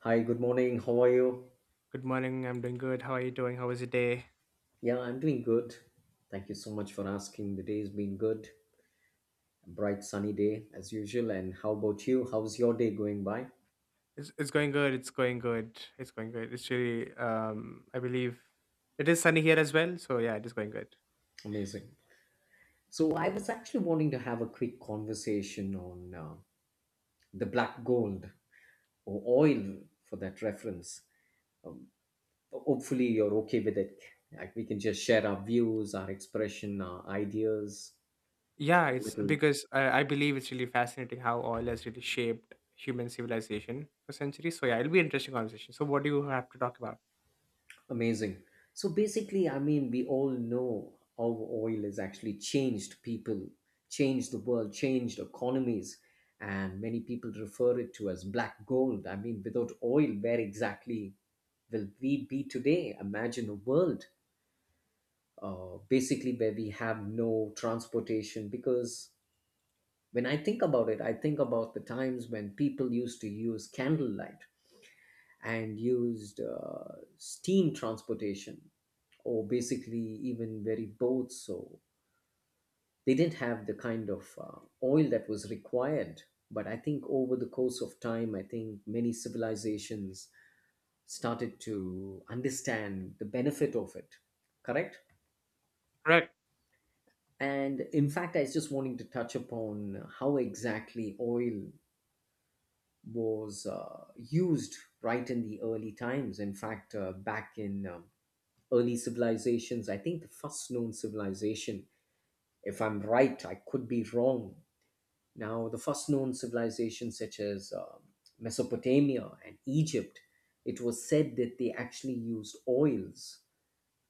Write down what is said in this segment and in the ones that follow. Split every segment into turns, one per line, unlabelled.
Hi, good morning. How are you?
Good morning. I'm doing good. How are you doing? How was your day?
Yeah, I'm doing good. Thank you so much for asking. The day's been good. A bright sunny day as usual. And how about you? How's your day going by?
It's going good. It's going good. It's going good. It's really I believe it is sunny here as well. So yeah, it is going good.
Amazing. So, I was actually wanting to have a quick conversation on the black gold or oil for that reference. Hopefully, you're okay with it. Like we can just share our views, our expression, our ideas,
Yeah, it's
little.
because I believe it's really fascinating how oil has really shaped human civilization for centuries. So yeah, it'll be interesting conversation. So what do you have to talk about?
Amazing. So basically, I mean, we all know how oil has actually changed people, changed the world, changed economies, and many people refer it to as black gold. I mean, without oil, where exactly will we be today? Imagine a world basically where we have no transportation. Because when I think about it, I think about the times when people used to use candlelight and used steam transportation or basically even very boats. So they didn't have the kind of oil that was required. But I think over the course of time, I think many civilizations started to understand the benefit of it. Correct?
Right.
And in fact, I was just wanting to touch upon how exactly oil was used right in the early times. In fact, back in early civilizations. I think the first known civilization, if I'm right, I could be wrong. Now, the first known civilization, such as Mesopotamia and Egypt, it was said that they actually used oils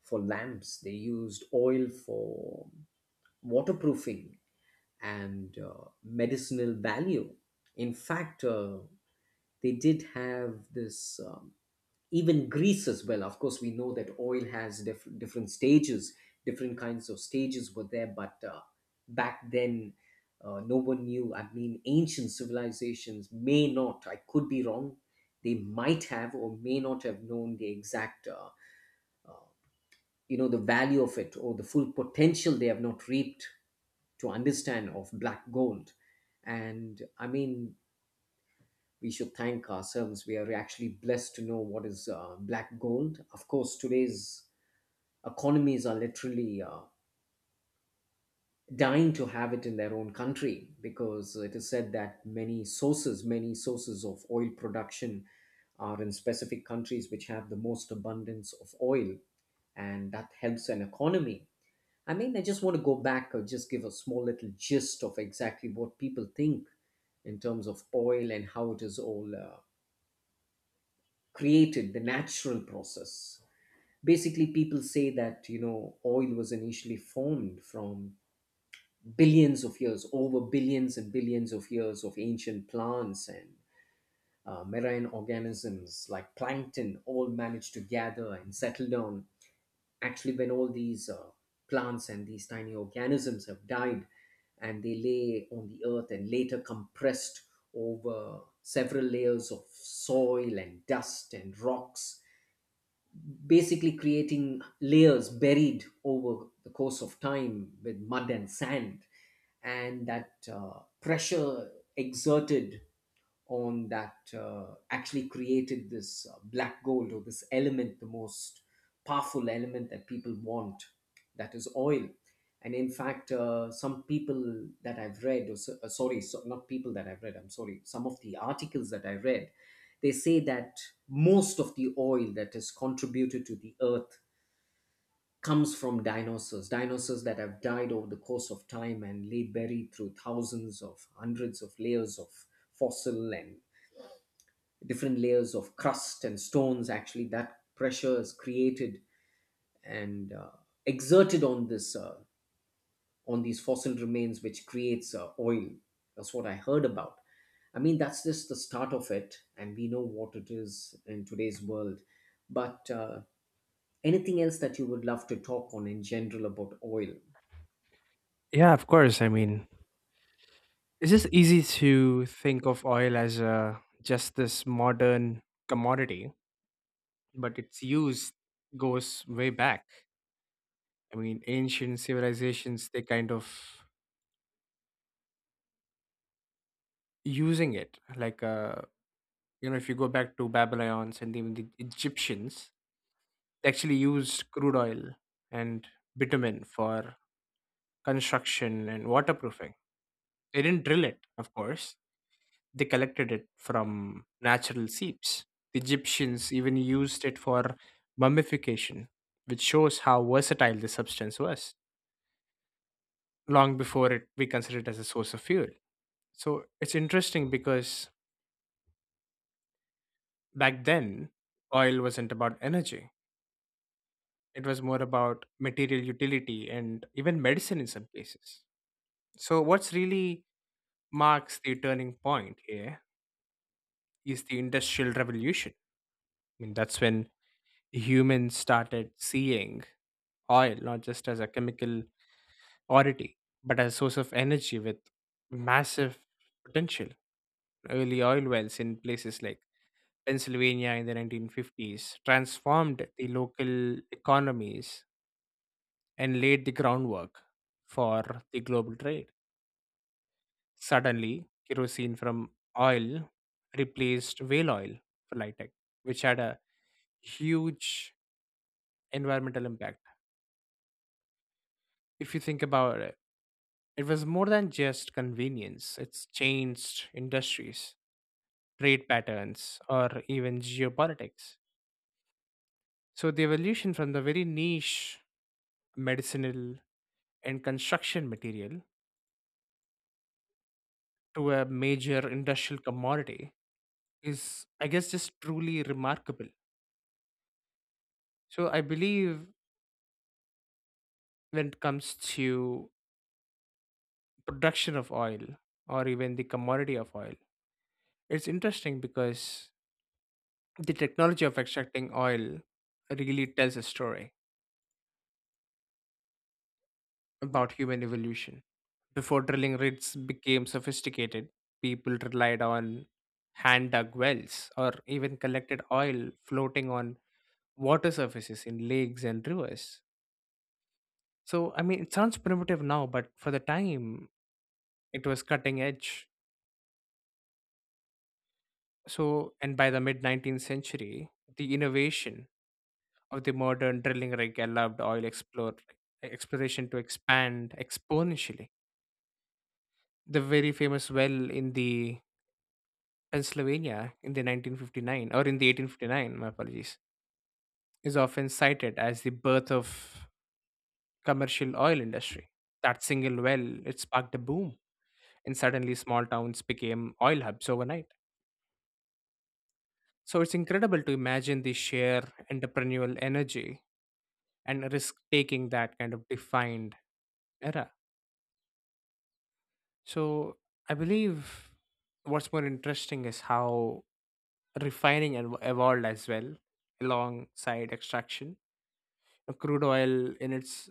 for lamps, they used oil for waterproofing and medicinal value. In fact, they did have this. Even Greece as well. Of course, we know that oil has different stages, different kinds of stages were there, but back then, no one knew. I mean, ancient civilizations may not, I could be wrong, they might have or may not have known the exact, you know, the value of it or the full potential they have not reaped to understand of black gold. And I mean, we should thank ourselves. We are actually blessed to know what is black gold. Of course, today's economies are literally dying to have it in their own country because it is said that many sources of oil production are in specific countries which have the most abundance of oil, and that helps an economy. I mean, I just want to go back or just give a small little gist of exactly what people think in terms of oil and how it is all created, the natural process. Basically, people say that, you know, oil was initially formed from billions of years, over billions and billions of years of ancient plants and marine organisms like plankton all managed to gather and settle down. Actually, when all these plants and these tiny organisms have died and they lay on the earth and later compressed over several layers of soil and dust and rocks, basically creating layers buried over the course of time with mud and sand, and that pressure exerted on that actually created this black gold or this element, the most powerful element that people want, that is oil. And in fact, some people that I've read, or so, sorry, so, not people that I've read, I'm sorry, some of the articles that I read, they say that most of the oil that is contributed to the earth comes from dinosaurs, dinosaurs that have died over the course of time and lay buried through thousands of hundreds of layers of fossil and different layers of crust and stones. Actually, that pressure is created and exerted on this on these fossil remains which creates oil. That's what I heard about. I mean, that's just the start of it and we know what it is in today's world, but anything else that you would love to talk on in general about oil?
Yeah, of course. I mean, it's just easy to think of oil as a, just this modern commodity, but its use goes way back. I mean, ancient civilizations, they kind of using it. Like, you know, if you go back to Babylonians and even the Egyptians, they actually used crude oil and bitumen for construction and waterproofing. They didn't drill it, of course. They collected it from natural seeps. The Egyptians even used it for mummification, which shows how versatile the substance was long before it we consider it as a source of fuel. So it's interesting because back then oil wasn't about energy. It was more about material utility and even medicine in some cases. So what's really marks the turning point here is the industrial revolution. I mean, that's when humans started seeing oil not just as a chemical oddity but as a source of energy with massive potential. Early oil wells in places like Pennsylvania in the 1950s transformed the local economies and laid the groundwork for the global trade. Suddenly kerosene from oil replaced whale oil for light, which had a huge environmental impact. If you think about it, it was more than just convenience, it's changed industries, trade patterns, or even geopolitics. So, the evolution from the very niche medicinal and construction material to a major industrial commodity is, I guess, just truly remarkable. So, I believe when it comes to production of oil or even the commodity of oil, it's interesting because the technology of extracting oil really tells a story about human evolution. Before drilling rigs became sophisticated, people relied on hand dug wells or even collected oil floating on water surfaces in lakes and rivers. So, I mean, it sounds primitive now, but for the time, it was cutting edge. So, and by the mid 19th century, the innovation of the modern drilling rig allowed oil exploration to expand exponentially. The very famous well in the Pennsylvania in the 1959, or in the 1859, my apologies, is often cited as the birth of commercial oil industry. That single well, it sparked a boom, and suddenly small towns became oil hubs overnight. So it's incredible to imagine the sheer entrepreneurial energy and risk taking that kind of defined era. So I believe what's more interesting is how refining evolved as well alongside extraction. Crude oil in its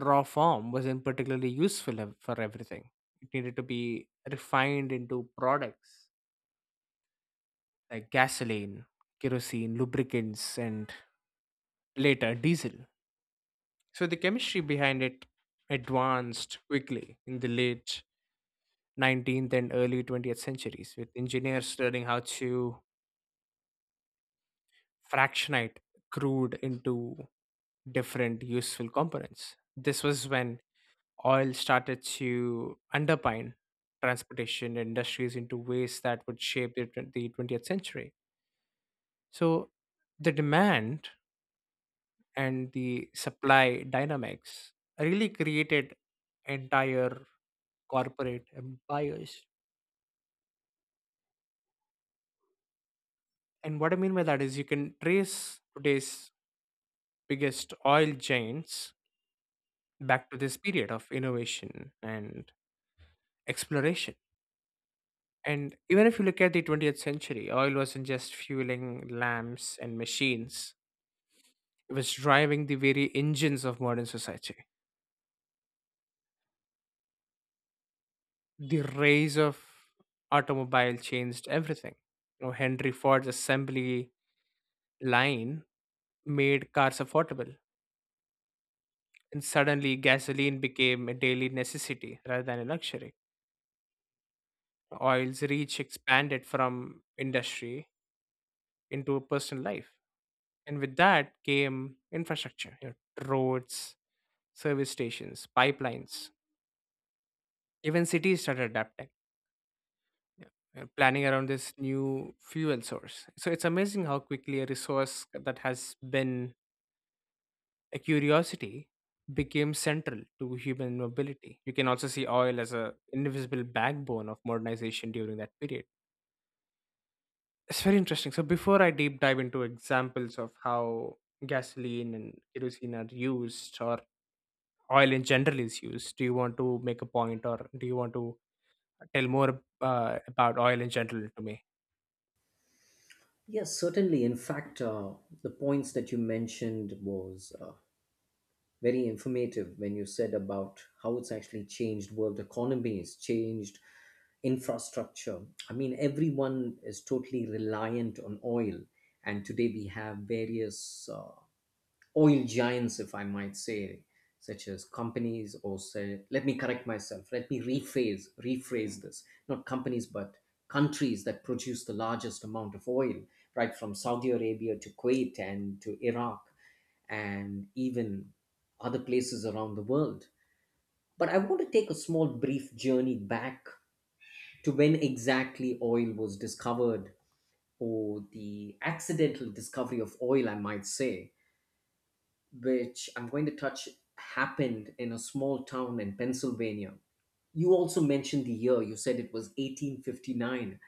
raw form wasn't particularly useful for everything. It needed to be refined into products like gasoline, kerosene, lubricants, and later diesel. So the chemistry behind it advanced quickly in the late 19th and early 20th centuries, with engineers learning how to fractionate crude into different useful components. This was when oil started to underpin transportation industries into ways that would shape the, the 20th century. So the demand and the supply dynamics really created entire corporate empires. And what I mean by that is you can trace today's biggest oil giants back to this period of innovation and exploration. And even if you look at the 20th century, oil wasn't just fueling lamps and machines, it was driving the very engines of modern society. The rise of automobile changed everything. You know, Henry Ford's assembly line made cars affordable, and suddenly gasoline became a daily necessity rather than a luxury. Oil's reach expanded from industry into personal life. And with that came infrastructure, you know, roads, service stations, pipelines, even cities started adapting, yeah, and planning around this new fuel source. So it's amazing how quickly a resource that has been a curiosity became central to human mobility. You can also see oil as a indivisible backbone of modernization during that period. It's very interesting. So before I deep dive into examples of how gasoline and kerosene are used, or oil in general is used, do you want to make a point, or do you want to tell more about oil in general to me?
Yes, certainly. In fact, the points that you mentioned was very informative when you said about how it's actually changed world economies, changed infrastructure. I mean, everyone is totally reliant on oil. And today we have various oil giants, if I might say, such as companies or say, let me correct myself, let me rephrase, this, not companies, but countries that produce the largest amount of oil, right from Saudi Arabia to Kuwait and to Iraq and even other places around the world. But I want to take a small brief journey back to when exactly oil was discovered or the accidental discovery of oil, I might say, which I'm going to touch happened in a small town in Pennsylvania. You also mentioned the year, you said it was 1859.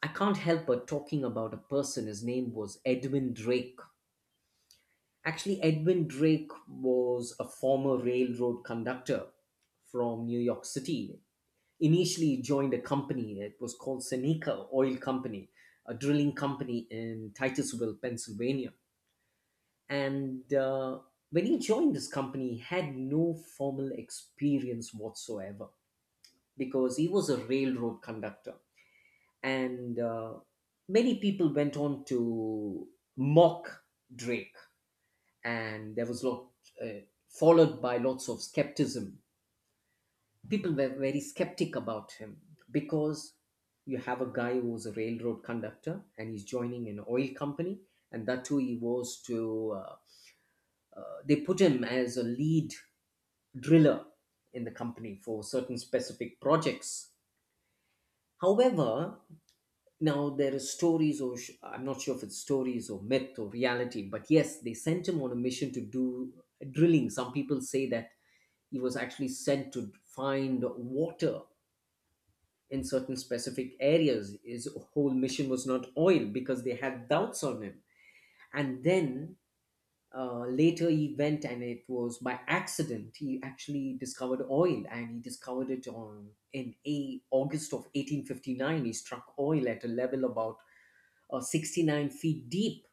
I can't help but talking about a person, his name was Edwin Drake. Actually, Edwin Drake was a former railroad conductor from New York City initially joined a company. It was called Seneca Oil Company, a drilling company in Titusville, Pennsylvania. And when he joined this company, he had no formal experience whatsoever because he was a railroad conductor. And many people went on to mock Drake, and there was lot uh, followed by lots of skepticism. People were very skeptic about him because you have a guy who was a railroad conductor and he's joining an oil company, and that too he was to they put him as a lead driller in the company for certain specific projects. However, now there are stories or I'm not sure if it's stories or myth or reality, but yes, they sent him on a mission to do drilling. Some people say that he was actually sent to find water in certain specific areas. His whole mission was not oil because they had doubts on him. And then later he went and it was by accident he actually discovered oil and he discovered it on in a, August of 1859. He struck oil at a level about 69 feet deep,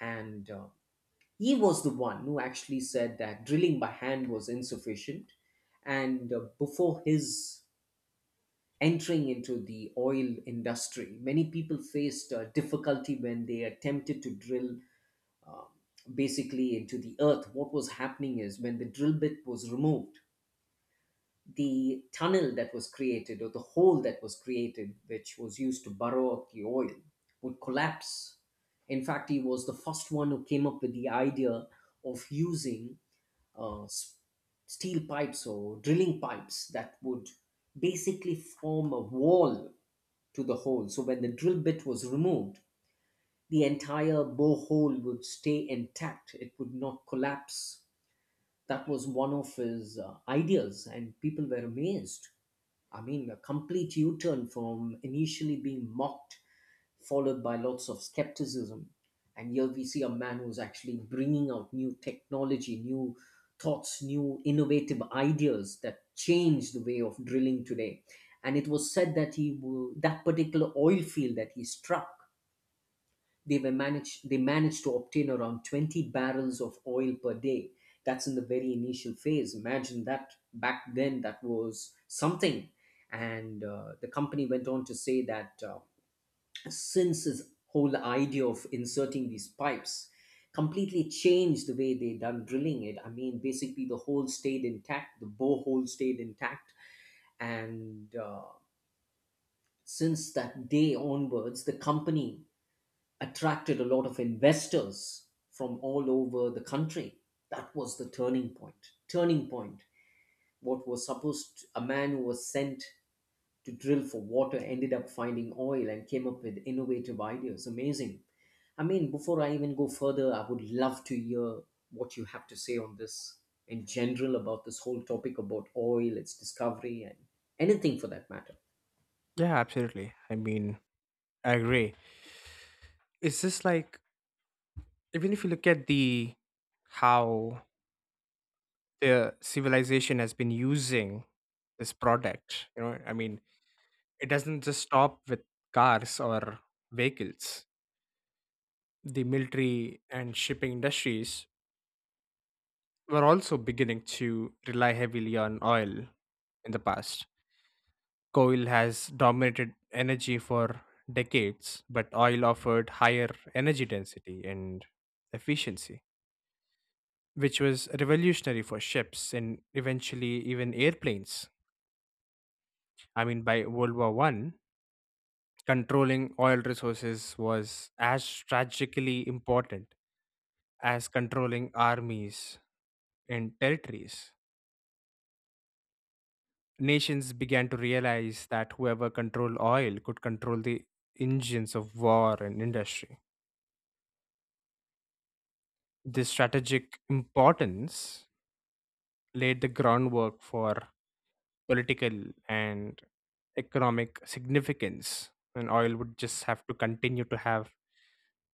and he was the one who actually said that drilling by hand was insufficient, and before his entering into the oil industry. Many people faced difficulty when they attempted to drill um, basically into the earth. What was happening is when the drill bit was removed, the tunnel that was created or the hole that was created, which was used to burrow out the oil, would collapse. In fact, he was the first one who came up with the idea of using uh, s- steel pipes or drilling pipes that would basically form a wall to the hole. So when the drill bit was removed, the entire borehole would stay intact. It would not collapse. That was one of his ideas, and people were amazed. I mean, a complete U turn from initially being mocked followed by lots of skepticism. And here we see a man who's actually bringing out new technology, new thoughts, new innovative ideas that change the way of drilling today. And it was said that he will, that particular oil field that he struck, they managed to obtain around 20 barrels of oil per day. That's in the very initial phase. Imagine that back then that was something. And the company went on to say that since this whole idea of inserting these pipes completely changed the way they done drilling it. I mean, basically the borehole stayed intact, and since that day onwards, the company attracted a lot of investors from all over the country. That was the turning point. Turning point. What was supposed a man who was sent to drill for water ended up finding oil and came up with innovative ideas. Amazing. I mean, before I even go further, I would love to hear what you have to say on this in general about this whole topic about oil, its discovery, and anything for that matter.
Yeah, absolutely. I mean, I agree. It's just like, even if you look at the how the civilization has been using this product, you know, I mean, it doesn't just stop with cars or vehicles. The military and shipping industries were also beginning to rely heavily on oil in the past. Coal has dominated energy for decades, but oil offered higher energy density and efficiency, which was revolutionary for ships and eventually even airplanes. I mean, by World War I, controlling oil resources was as strategically important as controlling armies and territories. Nations began to realize that whoever controlled oil could control the engines of war and industry. This strategic importance laid the groundwork for political and economic significance, and oil would just have to continue to have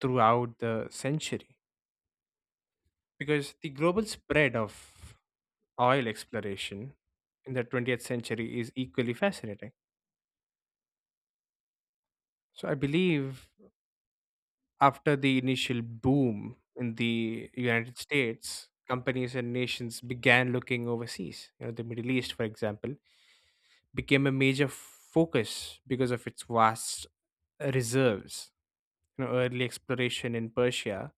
throughout the century. Because the global spread of oil exploration in the 20th century is equally fascinating. So I believe after the initial boom in the United States, companies and nations began looking overseas. You know, the Middle East, for example, became a major focus because of its vast reserves. You know, early exploration in Persia,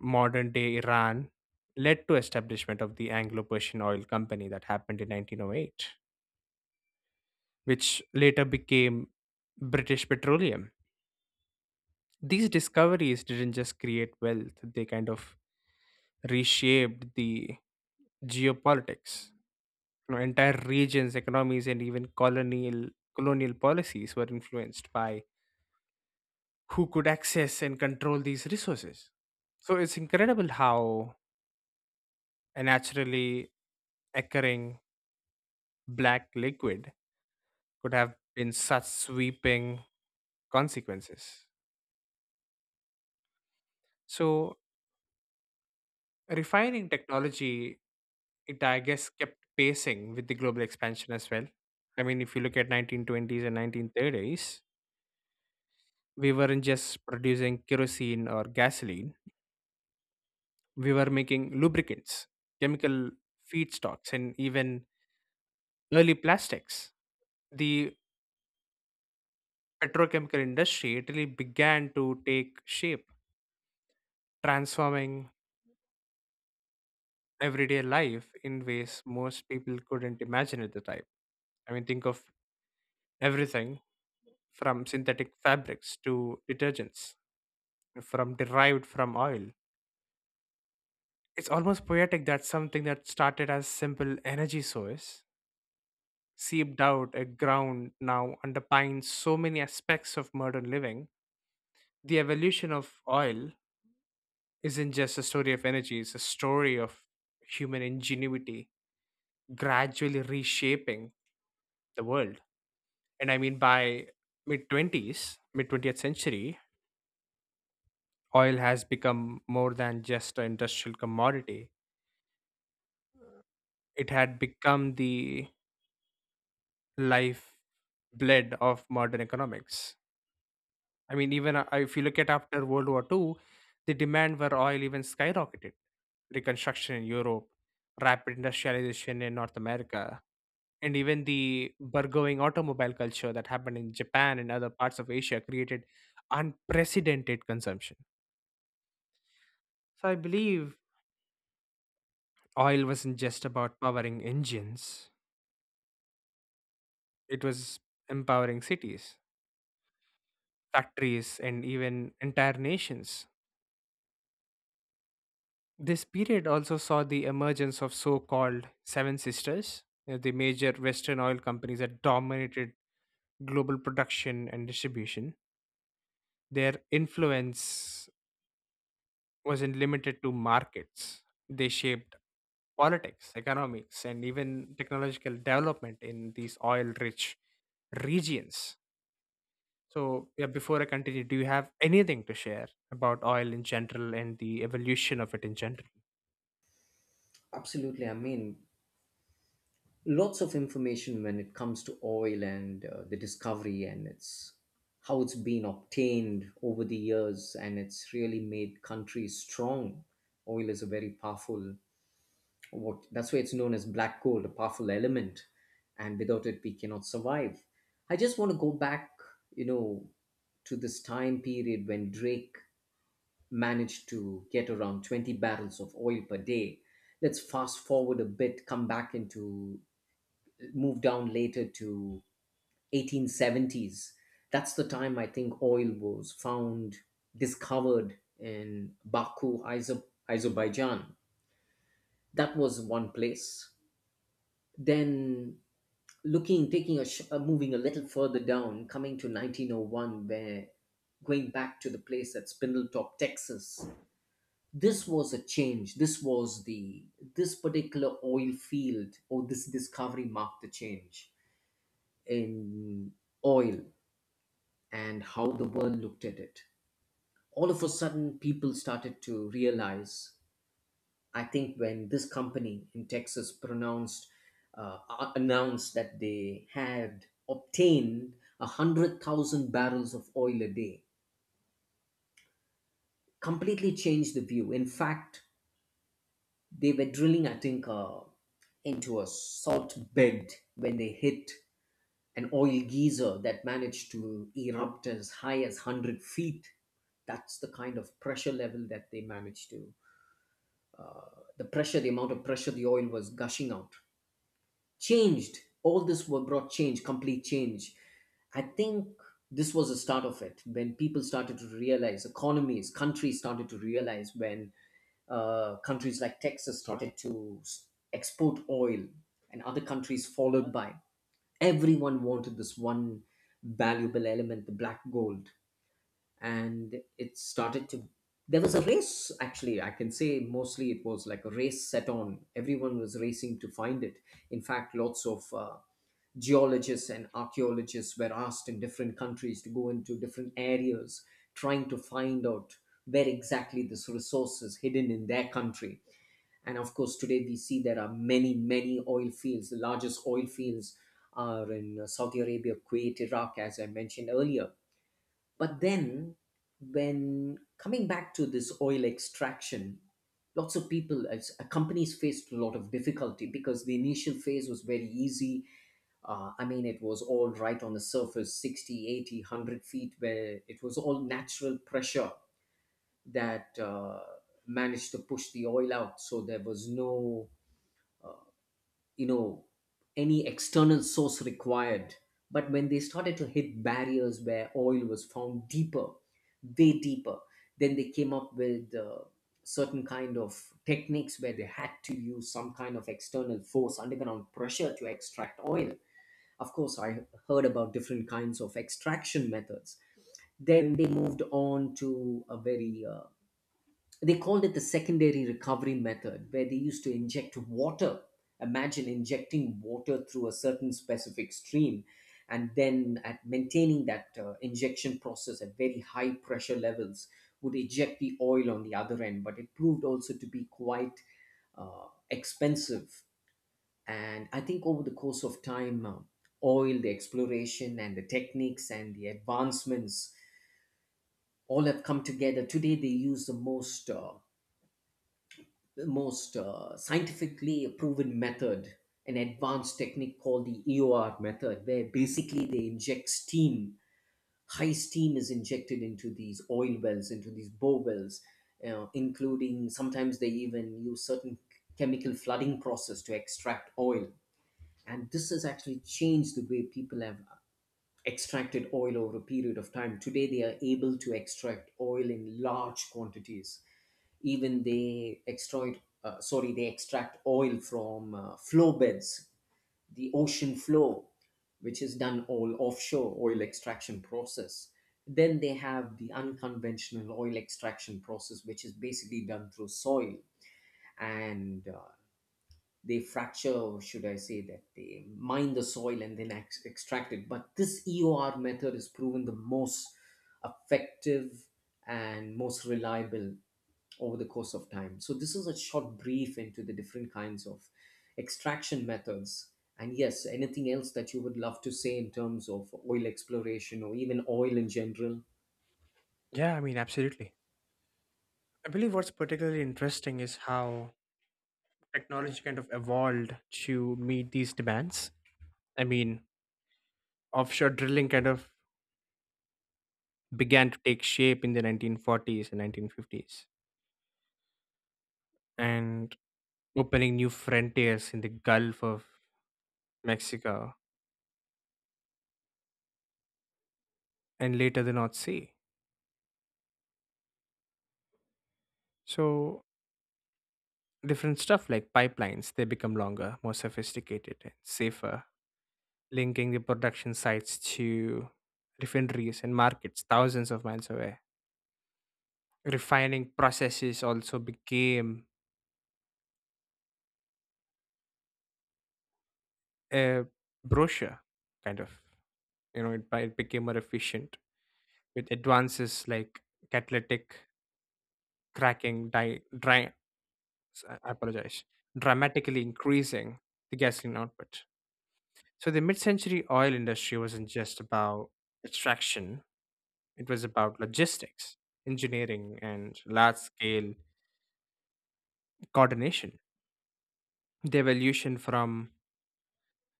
modern day Iran, led to establishment of the Anglo-Persian Oil Company that happened in 1908, which later became British Petroleum. These discoveries didn't just create wealth; they kind of reshaped the geopolitics. You know, entire regions, economies, and even colonial policies were influenced by who could access and control these resources. So it's incredible how a naturally occurring black liquid could have been such sweeping consequences. So refining technology, it I guess kept pacing with the global expansion as well. I mean, if you look at 1920s and 1930s, we weren't just producing kerosene or gasoline. We were making lubricants, chemical feedstocks, and even early plastics. The petrochemical industry, Italy began to take shape, transforming everyday life in ways most people couldn't imagine at the time. I mean, think of everything from synthetic fabrics to detergents, from derived from oil. It's almost poetic that something that started as simple energy source seeped out a ground now underpines so many aspects of modern living. The evolution of oil isn't just a story of energy, it's a story of human ingenuity gradually reshaping the world. And I mean, by mid 20s, mid 20th century, oil has become more than just an industrial commodity, it had become the life blood of modern economics. I mean, even if you look at after World War II, the demand for oil even skyrocketed. Reconstruction in Europe, rapid industrialization in North America, and even the burgeoning automobile culture that happened in Japan and other parts of Asia created unprecedented consumption. So I believe oil wasn't just about powering engines, it was empowering cities, factories, and even entire nations. This period also saw the emergence of so called Seven Sisters, you know, the major Western oil companies that dominated global production and distribution. Their influence wasn't limited to markets. They shaped politics, economics, and even technological development in these oil rich regions. So, yeah, before I continue, do you have anything to share about oil in general and the evolution of it in general?
Absolutely. I mean, lots of information when it comes to oil and the discovery and its how it's been obtained over the years and it's really made countries strong. Oil is a very powerful what that's why it's known as black gold, a powerful element, and without it we cannot survive. I just want to go back you know to this time period when Drake managed to get around 20 barrels of oil per day. Let's fast forward a bit, come back into move down later to 1870s. That's the time I think oil was found discovered in Baku, Azerbaijan. That was one place. Then looking taking a sh- moving a little further down, coming to 1901, where going back to the place at Spindletop, Texas. This was a change. This was the this particular oil field or this discovery marked the change in oil and how the world looked at it. All of a sudden people started to realize, I think, when this company in Texas announced that they had obtained 100,000 barrels of oil a day, completely changed the view. In fact, they were drilling, I think, into a salt bed when they hit an oil geyser that managed to erupt as high as 100 feet. That's the kind of pressure level that they managed to. The pressure, the amount of pressure the oil was gushing out changed all, this were brought change, complete change, I think. This was the start of it, when people started to realize, economies, countries started to realize, when countries like Texas started to export oil, and other countries followed by. Everyone wanted this one valuable element, the black gold. And it started to, there was a race. Actually, I can say mostly it was like a race set on, everyone was racing to find it. In fact, lots of geologists and archaeologists were asked in different countries to go into different areas, trying to find out where exactly this resource is hidden in their country. And of course today we see there are many many oil fields. The largest oil fields are in Saudi Arabia, Kuwait, Iraq, as I mentioned earlier. But then, when coming back to this oil extraction, lots of people, as companies faced a lot of difficulty because the initial phase was very easy. I mean, it was all right on the surface, 60, 80, 100 feet, where it was all natural pressure that managed to push the oil out. So there was no you know any external source required. But when they started to hit barriers where oil was found deeper, way deeper, then they came up with certain kind of techniques where they had to use some kind of external force, underground pressure, to extract oil. Of course, I heard about different kinds of extraction methods. Then they moved on to a very they called it the secondary recovery method, where they used to inject water. Imagine injecting water through a certain specific stream and then at maintaining that injection process at very high pressure levels would eject the oil on the other end. But it proved also to be quite expensive. And I think over the course of time, oil, the exploration, and the techniques and the advancements all have come together. Today, they use the most scientifically proven method, an advanced technique called the EOR method, where basically they inject steam. High steam is injected into these oil wells, into these bore wells, including sometimes they even use certain chemical flooding process to extract oil. And this has actually changed the way people have extracted oil over a period of time. Today, they are able to extract oil in large quantities. Even they extract sorry, they extract oil from flow beds, the ocean floor, which is done all offshore oil extraction process. Then they have the unconventional oil extraction process, which is basically done through soil, and they fracture, or should I say that they mine the soil and then extract it. But this EOR method is proven the most effective and most reliable over the course of time. So, this is a short brief into the different kinds of extraction methods. And yes, anything else that you would love to say in terms of oil exploration or even oil in general?
Yeah, I mean, absolutely. I believe what's particularly interesting is how technology kind of evolved to meet these demands. I mean, offshore drilling kind of began to take shape in the 1940s and 1950s, and opening new frontiers in the Gulf of Mexico and later the North Sea. So, different stuff like pipelines, they become longer, more sophisticated, and safer, linking the production sites to refineries and markets thousands of miles away. Refining processes also became a brochure kind of, you know it, it became more efficient with advances like catalytic cracking, dry, I apologize, dramatically increasing the gasoline output. So the mid-century oil industry wasn't just about extraction, it was about logistics, engineering, and large-scale coordination. The evolution from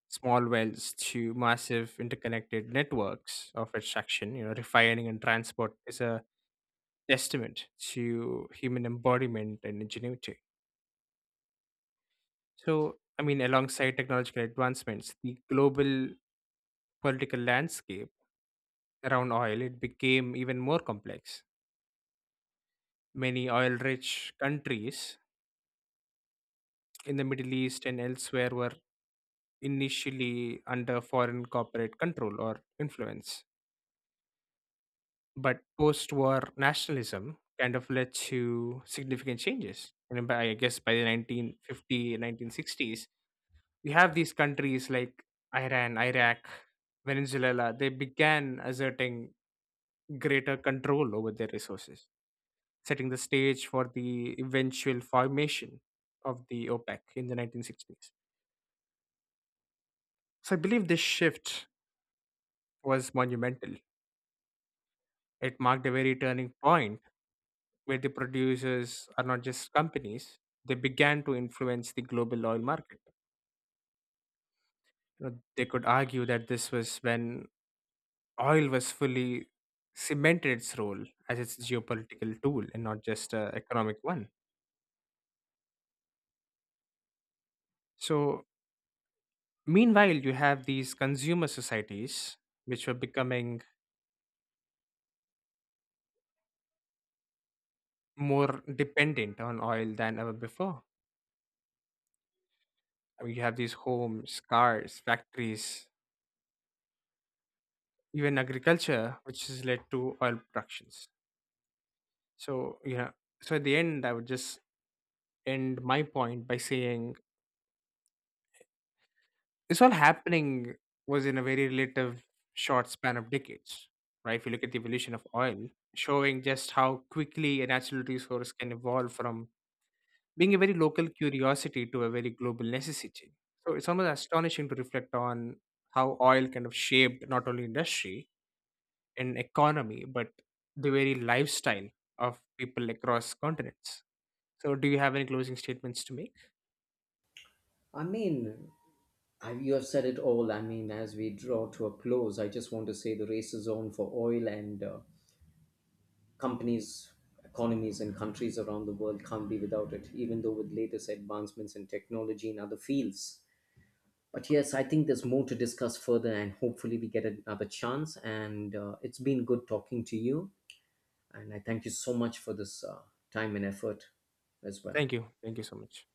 small wells to massive interconnected networks of extraction, you know, refining and transport, is a testament to human embodiment and ingenuity. So, I mean, alongside technological advancements, the global political landscape around oil it became even more complex. Many oil-rich countries in the Middle East and elsewhere were initially under foreign corporate control or influence. But post-war nationalism kind of led to significant changes. And then by, I guess by the 1950, 1960s, we have these countries like Iran, Iraq, Venezuela, they began asserting greater control over their resources, setting the stage for the eventual formation of the OPEC in the 1960s. So I believe this shift was monumental. It marked a very turning point where the producers are not just companies, they began to influence the global oil market. You know, they could argue that this was when oil was fully cemented its role as its geopolitical tool and not just an economic one. So, meanwhile, you have these consumer societies which were becoming more dependent on oil than ever before. I mean, you have these homes, cars, factories, even agriculture, which has led to oil productions. So yeah, so at the end, I would just end my point by saying this all happening was in a very relative short span of decades, right? If you look at the evolution of oil, showing just how quickly a natural resource can evolve from being a very local curiosity to a very global necessity. So it's almost astonishing to reflect on how oil kind of shaped not only industry and economy, but the very lifestyle of people across continents. So, do you have any closing statements to make?
I mean, you have said it all. I mean, as we draw to a close, I just want to say the race is on for oil, and companies, economies, and countries around the world can't be without it, even though with latest advancements in technology and other fields. But yes, I think there's more to discuss further, and hopefully, we get another chance. And it's been good talking to you. And I thank you so much for this time and effort as well.
Thank you. Thank you so much.